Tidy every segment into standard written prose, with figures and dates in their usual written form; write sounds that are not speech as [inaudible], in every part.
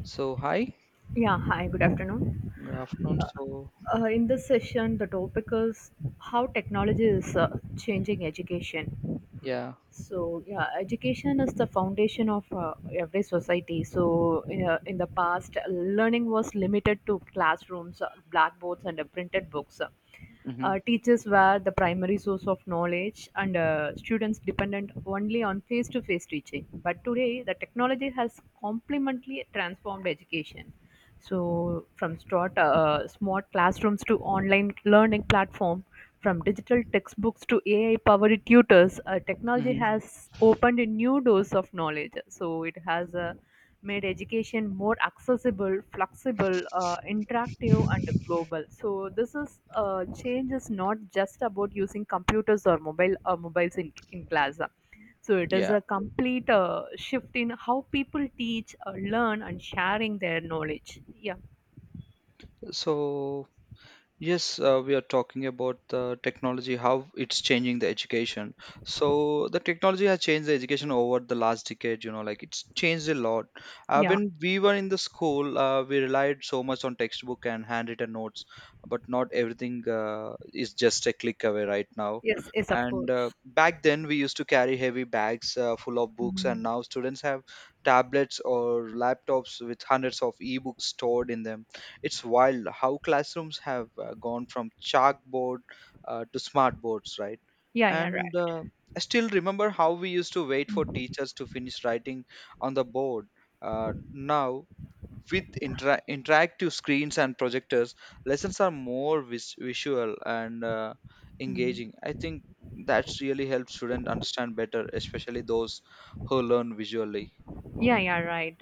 So hi, Yeah, hi, good afternoon. good afternoon. So In this session, the topic is how technology is changing education. yeah. Education is the foundation of every society. So, in the past, learning was limited to classrooms, blackboards, and printed books. Hmm. Teachers were the primary source of knowledge, and students dependent only on face to face teaching. But today, the technology has completely transformed education. So, from start, smart classrooms to online learning platform, from digital textbooks to AI powered tutors, technology Hmm. has opened a new doors of knowledge. So, it has a made education more accessible, flexible, interactive, and global. So this is change is not just about using computers or mobiles in class. So it is Yeah. a complete shift in how people teach, learn, and sharing their knowledge. Yeah. So yes, we are talking about the technology, how it's changing the education. So the technology has changed the education over the last decade, you know, like it's changed a lot. Yeah. When we were in the school, we relied so much on textbook and handwritten notes, but not everything is just a click away right now. Yes. Yes. Of And course. back then, we used to carry heavy bags full of books, Mm. and now students have tablets or laptops with hundreds of ebooks stored in them. It's wild how classrooms have gone from chalkboard to smart boards, right? Yeah. Yeah. And Right. I still remember how we used to wait for Mm. teachers to finish writing on the board. Now, with interactive screens and projectors, lessons are more visual and Mm. engaging. I think that's really helps students understand better, especially those who learn visually. Yeah, yeah, right.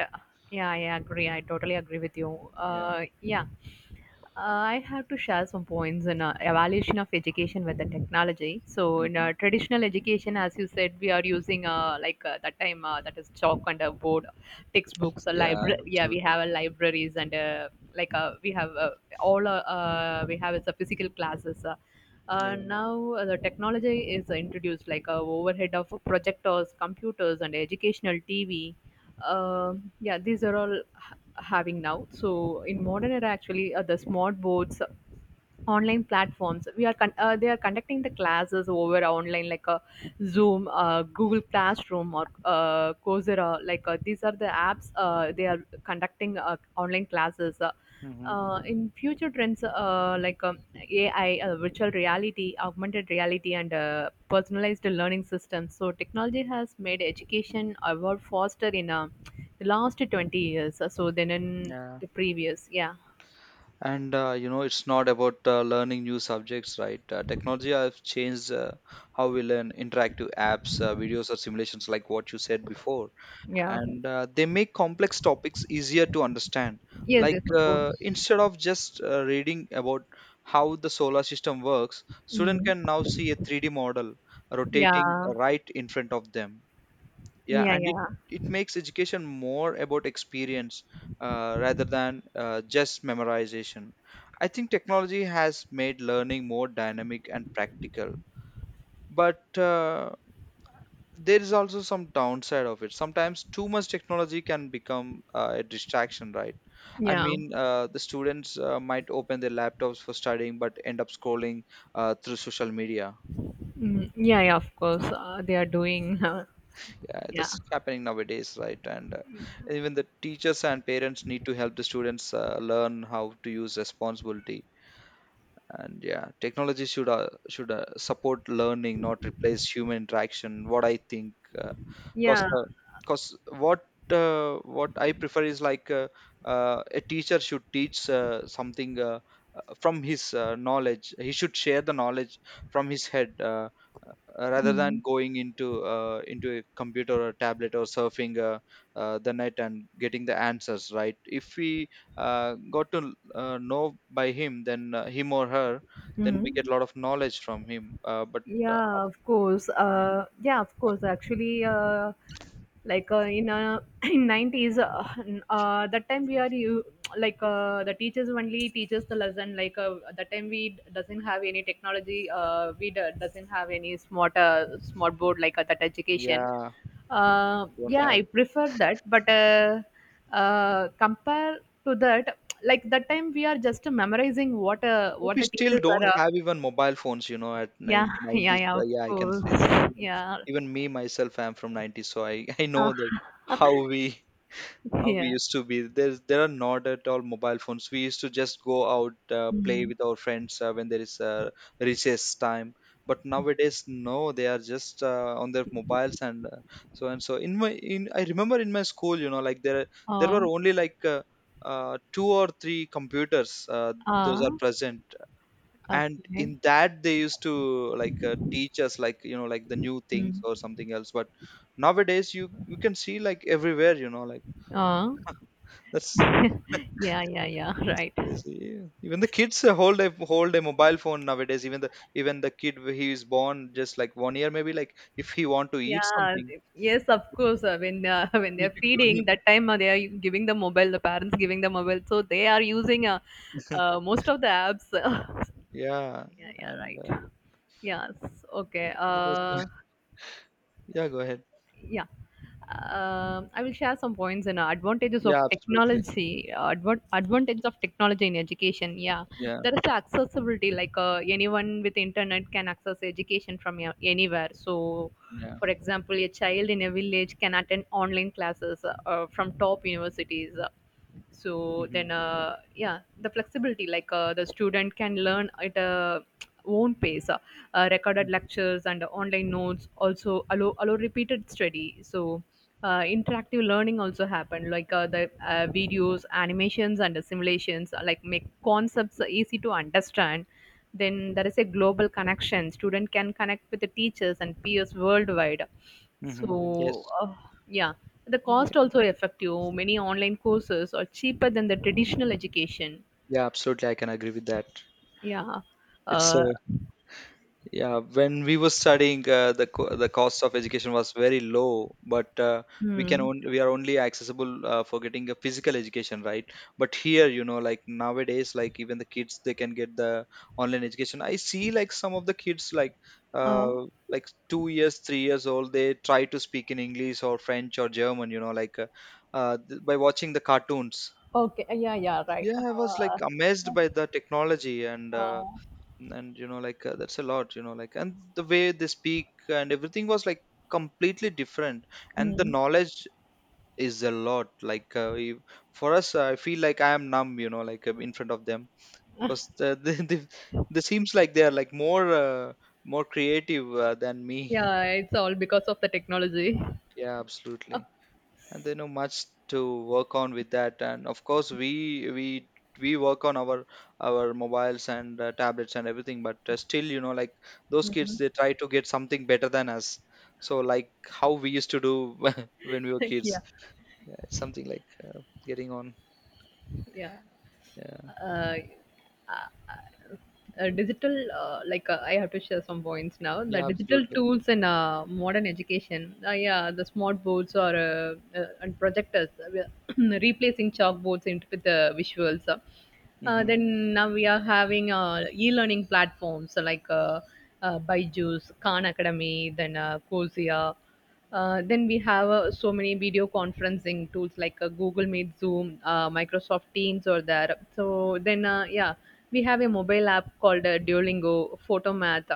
Yeah, I agree. I totally agree with you. Yeah. Yeah. I have to share some points in evaluation of education with the technology. So, in Hmm. Traditional education, as you said, we are using that time that is chalk and a board, textbooks, a Yeah. library. Yeah, we Absolutely. have libraries and we have all we have is physical classes. Yeah. Now the technology is introduced like overhead of projectors, computers, and educational TV. Uh, yeah, these are all having now, so in modern era actually the smart boards, online platforms, they are conducting the classes over online like a zoom, google classroom, or coursera. These are the apps they are conducting online classes. Hmm. In future trends, ai, virtual reality, augmented reality, and personalized learning systems. So technology has made education evolve faster in the last 20 years so then in Yeah. the previous Yeah. And you know it's not about learning new subjects, right? Technology have changed how we learn, interactive apps, videos or simulations, like what you said before. Yeah. And they make complex topics easier to understand, Yes, yes, like of course. Instead of just reading about how the solar system works, student Mm. can now see a 3D model rotating Yeah, right in front of them. Yeah, yeah, and it yeah, it makes education more about experience rather than just memorization. I think technology has made learning more dynamic and practical, but there is also some downside of it. Sometimes too much technology can become a distraction, right? I yeah. mean, the students might open their laptops for studying but end up scrolling through social media. Mm. Yeah, yeah, of course. They are doing, Yeah, yeah, that's happening nowadays, right? And even the teachers and parents need to help the students learn how to use responsibility. And yeah, technology should support learning, not replace human interaction. What I think. Because yeah. Because what what I prefer is like a teacher should teach something from his knowledge. He should share the knowledge from his head rather than Mm. going into a computer or tablet or surfing the net and getting the answers, right. If we got to know by him, then him or her, then we get Mm. a lot of knowledge from him. But uh, Yeah, of course. Yeah, of course. Actually, like in [clears throat] in nineties, that time we are you, the teachers only teaches the lesson. That time we doesn't have any technology. We doesn't have any smart board, that education. yeah, don't Yeah, have. I prefer that. But compare to that, like that time we are just memorizing what We the still teachers are. don't have even mobile phones, you know, at Yeah, nine, [laughs] yeah, 90s. yeah, of Yeah, I can say that. course. Even, Yeah. even me myself, I'm from 90s, so I, [laughs] I Uh, know that how we how we yeah. used to be. There are not at all mobile phones. We used to just go out, play Mm. with our friends when there is recess time. But nowadays, no, they are just on their mobiles and so and so. In my in I remember in my school, you know, like there Uh, were only like two or three computers. Those uh, are present and okay. in that they used to like teach us, like you know, like the new things Mm. or something else. But nowadays, you can see like everywhere, you know, like, Uh, that's [laughs] yeah, yeah, yeah, [laughs] that's right. crazy. Even the kids hold a mobile phone nowadays. Even the kid, he is born just like 1 year, maybe, like if he want to eat something Yes, of course. When [laughs] when you need they're to give feeding, him. that time they are giving the mobile, the parents giving the mobile, so they are using [laughs] most of the apps. [laughs] Yeah, Yeah, yeah, and right. Yes, okay. the rest- yeah, go ahead. yeah. I will share some points and advantages of Yeah, absolutely. technology. Advantages of technology in education. Yeah, Yeah. there is accessibility. Anyone with internet can access education from anywhere. So, Yeah. for example, a child in a village can attend online classes from top universities. So Hmm. then, yeah, the flexibility, the student can learn at a own pace. Recorded lectures and online notes also allow repeated study. So interactive learning also happened, like the videos, animations, and simulations, make concepts easy to understand. Then there is a global connection, student can connect with the teachers and peers worldwide. so Hmm. Yes. uh, yeah, the Yeah. cost also affect you. Many online courses are cheaper than the traditional education. Yeah, absolutely, I can agree with that. Yeah. It's Uh, a. Yeah, when we were studying, the cost of education was very low, but hmm. We are only accessible for getting a physical education, right? But here, you know, like nowadays, like even the kids, they can get the online education. I see like some of the kids, like Uh, uh like 2 years, 3 years old, they try to speak in English or French or German, you know, by watching the cartoons. Okay, yeah, yeah, right. Yeah, I was like amazed by the technology. And uh, and you know, like that's a lot, you know, like, and the way they speak and everything was like completely different, and the mm. knowledge is a lot, like for us, I feel like I am numb, you know, like in front of them, because the, [laughs] they seems like they are like more more creative than me. Yeah, it's all because of the technology. Yeah, [laughs] Uh, absolutely. And they know much to work on with that, and of course, we work on our mobiles and tablets and everything, but still, you know, like those kids, mm. they try to get something better than us, so like how we used to do [laughs] when we were kids. Yeah. Yeah, it's something like getting on. yeah Yeah. uh, uh, digital like I have to share some points now, the Yeah, digital absolutely. tools in modern education. Yeah the smart boards or and projectors, we are [clears throat] replacing chalkboards into with the visuals. Hmm. Then now we are having e-learning platforms, so like Byju's, Khan Academy, then Cosia. Then we have so many video conferencing tools like Google Meet, Zoom, Microsoft Teams, or there. So then, yeah, we have a mobile app called Duolingo, Photomath.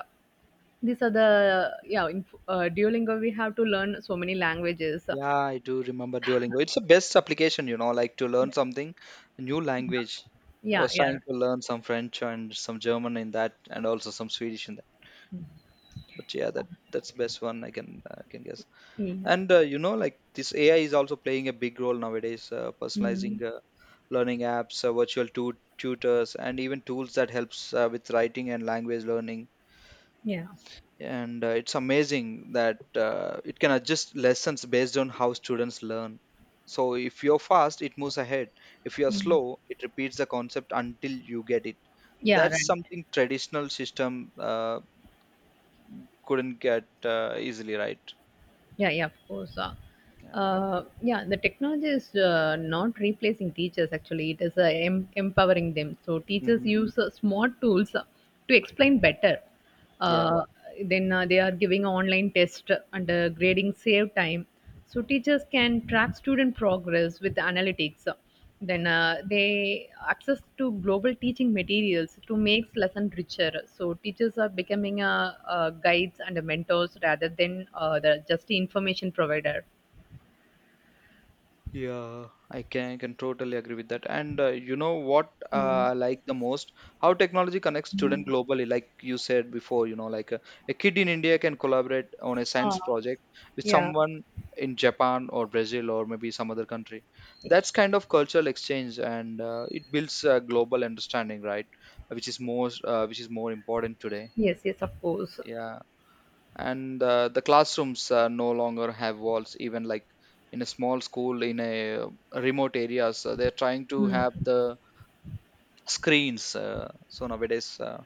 These are the, yeah, in Duolingo we have to learn so many languages. Yeah, I do remember Duolingo, it's the best application, you know, like, to learn something, a new language. I Yeah, was yeah, trying to learn some French and some German in that, and also some Swedish in that. But yeah, that's the best one, I can I can guess. yeah. And you know, like this AI is also playing a big role nowadays, Mm, personalizing learning apps, virtual tutors, and even tools that helps with writing and language learning. yeah. And it's amazing that it can adjust lessons based on how students learn. So if you're fast, it moves ahead; if you're Mm. slow, it repeats the concept until you get it. Yeah, right. That's something traditional system couldn't get easily, right? Yeah, yeah, of course. Yeah. Yeah, the technology is not replacing teachers, actually, it is empowering them. So, teachers Hmm. use smart tools to explain better. Yeah. Uh, then they are giving online test, and grading save time. So, teachers can track student progress with analytics. Then they access to global teaching materials to make lesson richer. So teachers are becoming guides and mentors rather than the just the information provider. Yeah. I can totally agree with that. And you know what I like the most? How technology connects students globally, like you said before. You know, like a kid in India can collaborate on a science project with Yeah. someone in Japan or Brazil or maybe some other country. That's kind of cultural exchange, and it builds a global understanding, right? Which is more important today. Yes, yes, of course. Yeah. And the classrooms no longer have walls, even like in a small school in a remote areas, so they're trying to have Mm. the screens so nowadays,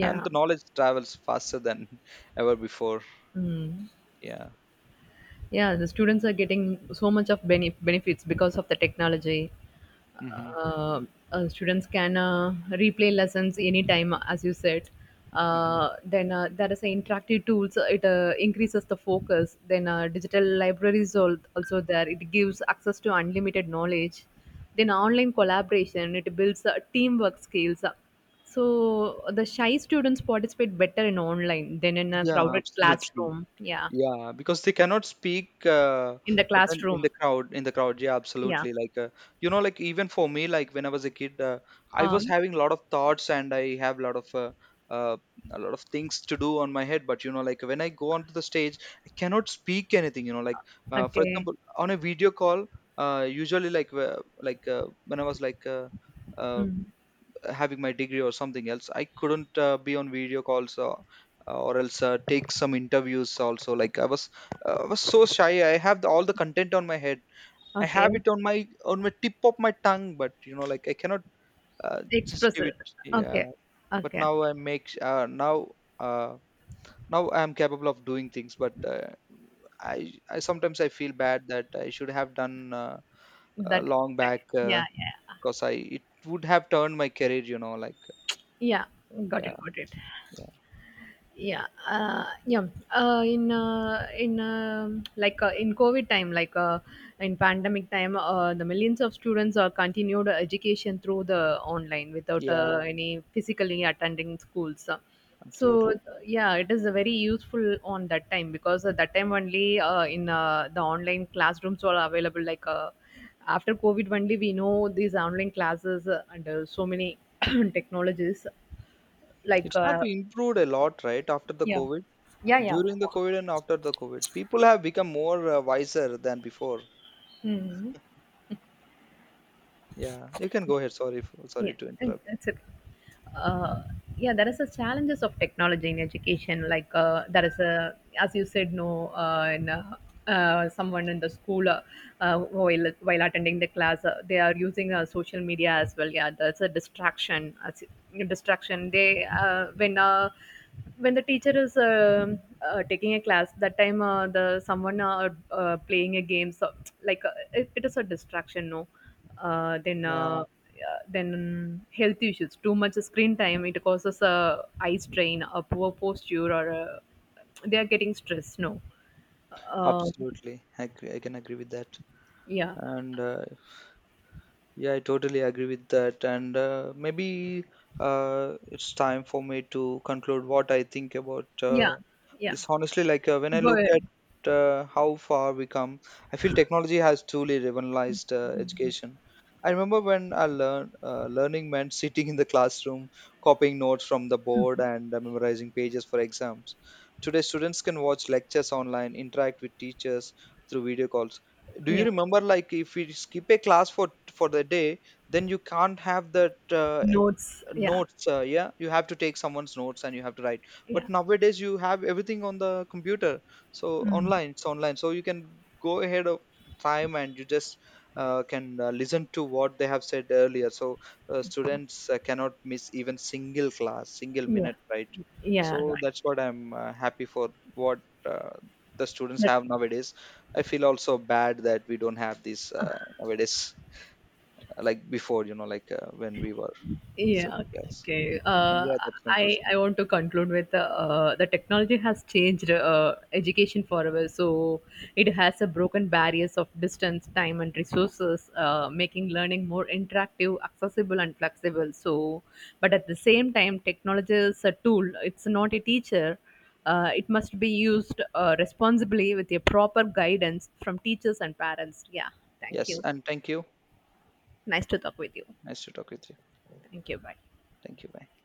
and the knowledge travels faster than [laughs] ever before. Mm. Yeah. Yeah. The students are getting so much of benefits because of the technology. Hmm. uh, Students can replay lessons anytime, as you said. Hmm. Then There is interactive tools, it increases the focus. Then digital libraries also there, it gives access to unlimited knowledge. Then online collaboration, it builds teamwork skills. So the shy students participate better in online than in a Yeah, crowded absolutely. classroom. Yeah, Yeah, because they cannot speak in the when classroom. In the crowd. Yeah, Yeah. absolutely, like you know, like even for me, like when I was a kid, I was Um, having a lot of thoughts, and I have uh, a lot of things to do on my head. But you know, like when I go onto the stage, I cannot speak anything, you know, like, for okay. example on a video call, usually when I was like uh, Mm. having my degree or something else, I couldn't be on video calls, or else take some interviews also, like I was I was so shy. I have the, all the content on my head, I have Okay. it on my tip of my tongue, but you know, like I cannot just Express give it. it. Yeah. Okay. But Okay. now I make uh, now I am capable of doing things. But I sometimes I feel bad that I should have done That, long back, yeah, yeah. because I, it would have turned my career, you know, like. Yeah. Got Yeah. it, got it. Yeah. Yeah yeah in like In covid time, in pandemic time, the millions of students are continued education through the online without Yeah. Any physically attending schools. So Absolutely. yeah, it is very useful on that time, because at that time only, in the online classrooms were available. After covid only we know these online classes, and so many [clears throat] technologies like It have uh, improved a lot, right? After the yeah. COVID, Yeah, yeah, during of the course. COVID, and after the COVID, people have become more wiser than before. Mhm. Yeah, you can go ahead. Sorry, for, Yeah, sorry to it interrupt. that's it. uh, yeah, there is a challenges of technology in education, there is a, as you said no, in someone in the school, while attending the class, they are using social media as well. Yeah, that's a distraction. As Distraction, they when the teacher is taking a class, that time the someone playing a game. So it, it is a distraction no. Then Yeah, Yeah, then health issues, too much screen time, it causes a eye strain, a poor posture, or a, they are getting stress no. um, absolutely. I agree. I can agree with that. yeah, And yeah, I totally agree with that. And maybe it's time for me to conclude what I think about yeah, yeah. this. Honestly, like when I Go look ahead. at how far we come, I feel technology has truly revolutionized education. I remember when I learned learning meant [laughs] sitting in the classroom, copying notes from the board, and memorizing pages for exams. Today, students can watch lectures online, interact with teachers through video calls. Do you Yeah, remember, like if we skip a class for the day, then you can't have that notes, yeah. notes. Yeah, you have to take someone's notes and you have to write. Yeah. But nowadays, you have everything on the computer, so Mm. online, it's online, so you can go ahead of time, and you just can listen to what they have said earlier. So students cannot miss even single class, single Yeah, minute, right? yeah, So right. that's what I'm happy for, what uh, the students That— have nowadays. I feel also bad that we don't have this nowadays, like before, you know, like when we were. So Yeah, yes. okay. And Uh, yeah, that I concludes me. I want to conclude with the technology has changed education forever. So it has a broken barriers of distance, time, and resources, making learning more interactive, accessible, and flexible. But at the same time, technology is a tool. It's not a teacher. It must be used responsibly with a proper guidance from teachers and parents. Yeah, thank Yes, you. and thank you. Nice to talk with you. Nice to talk with you. Thank you. Bye. Thank you. Bye.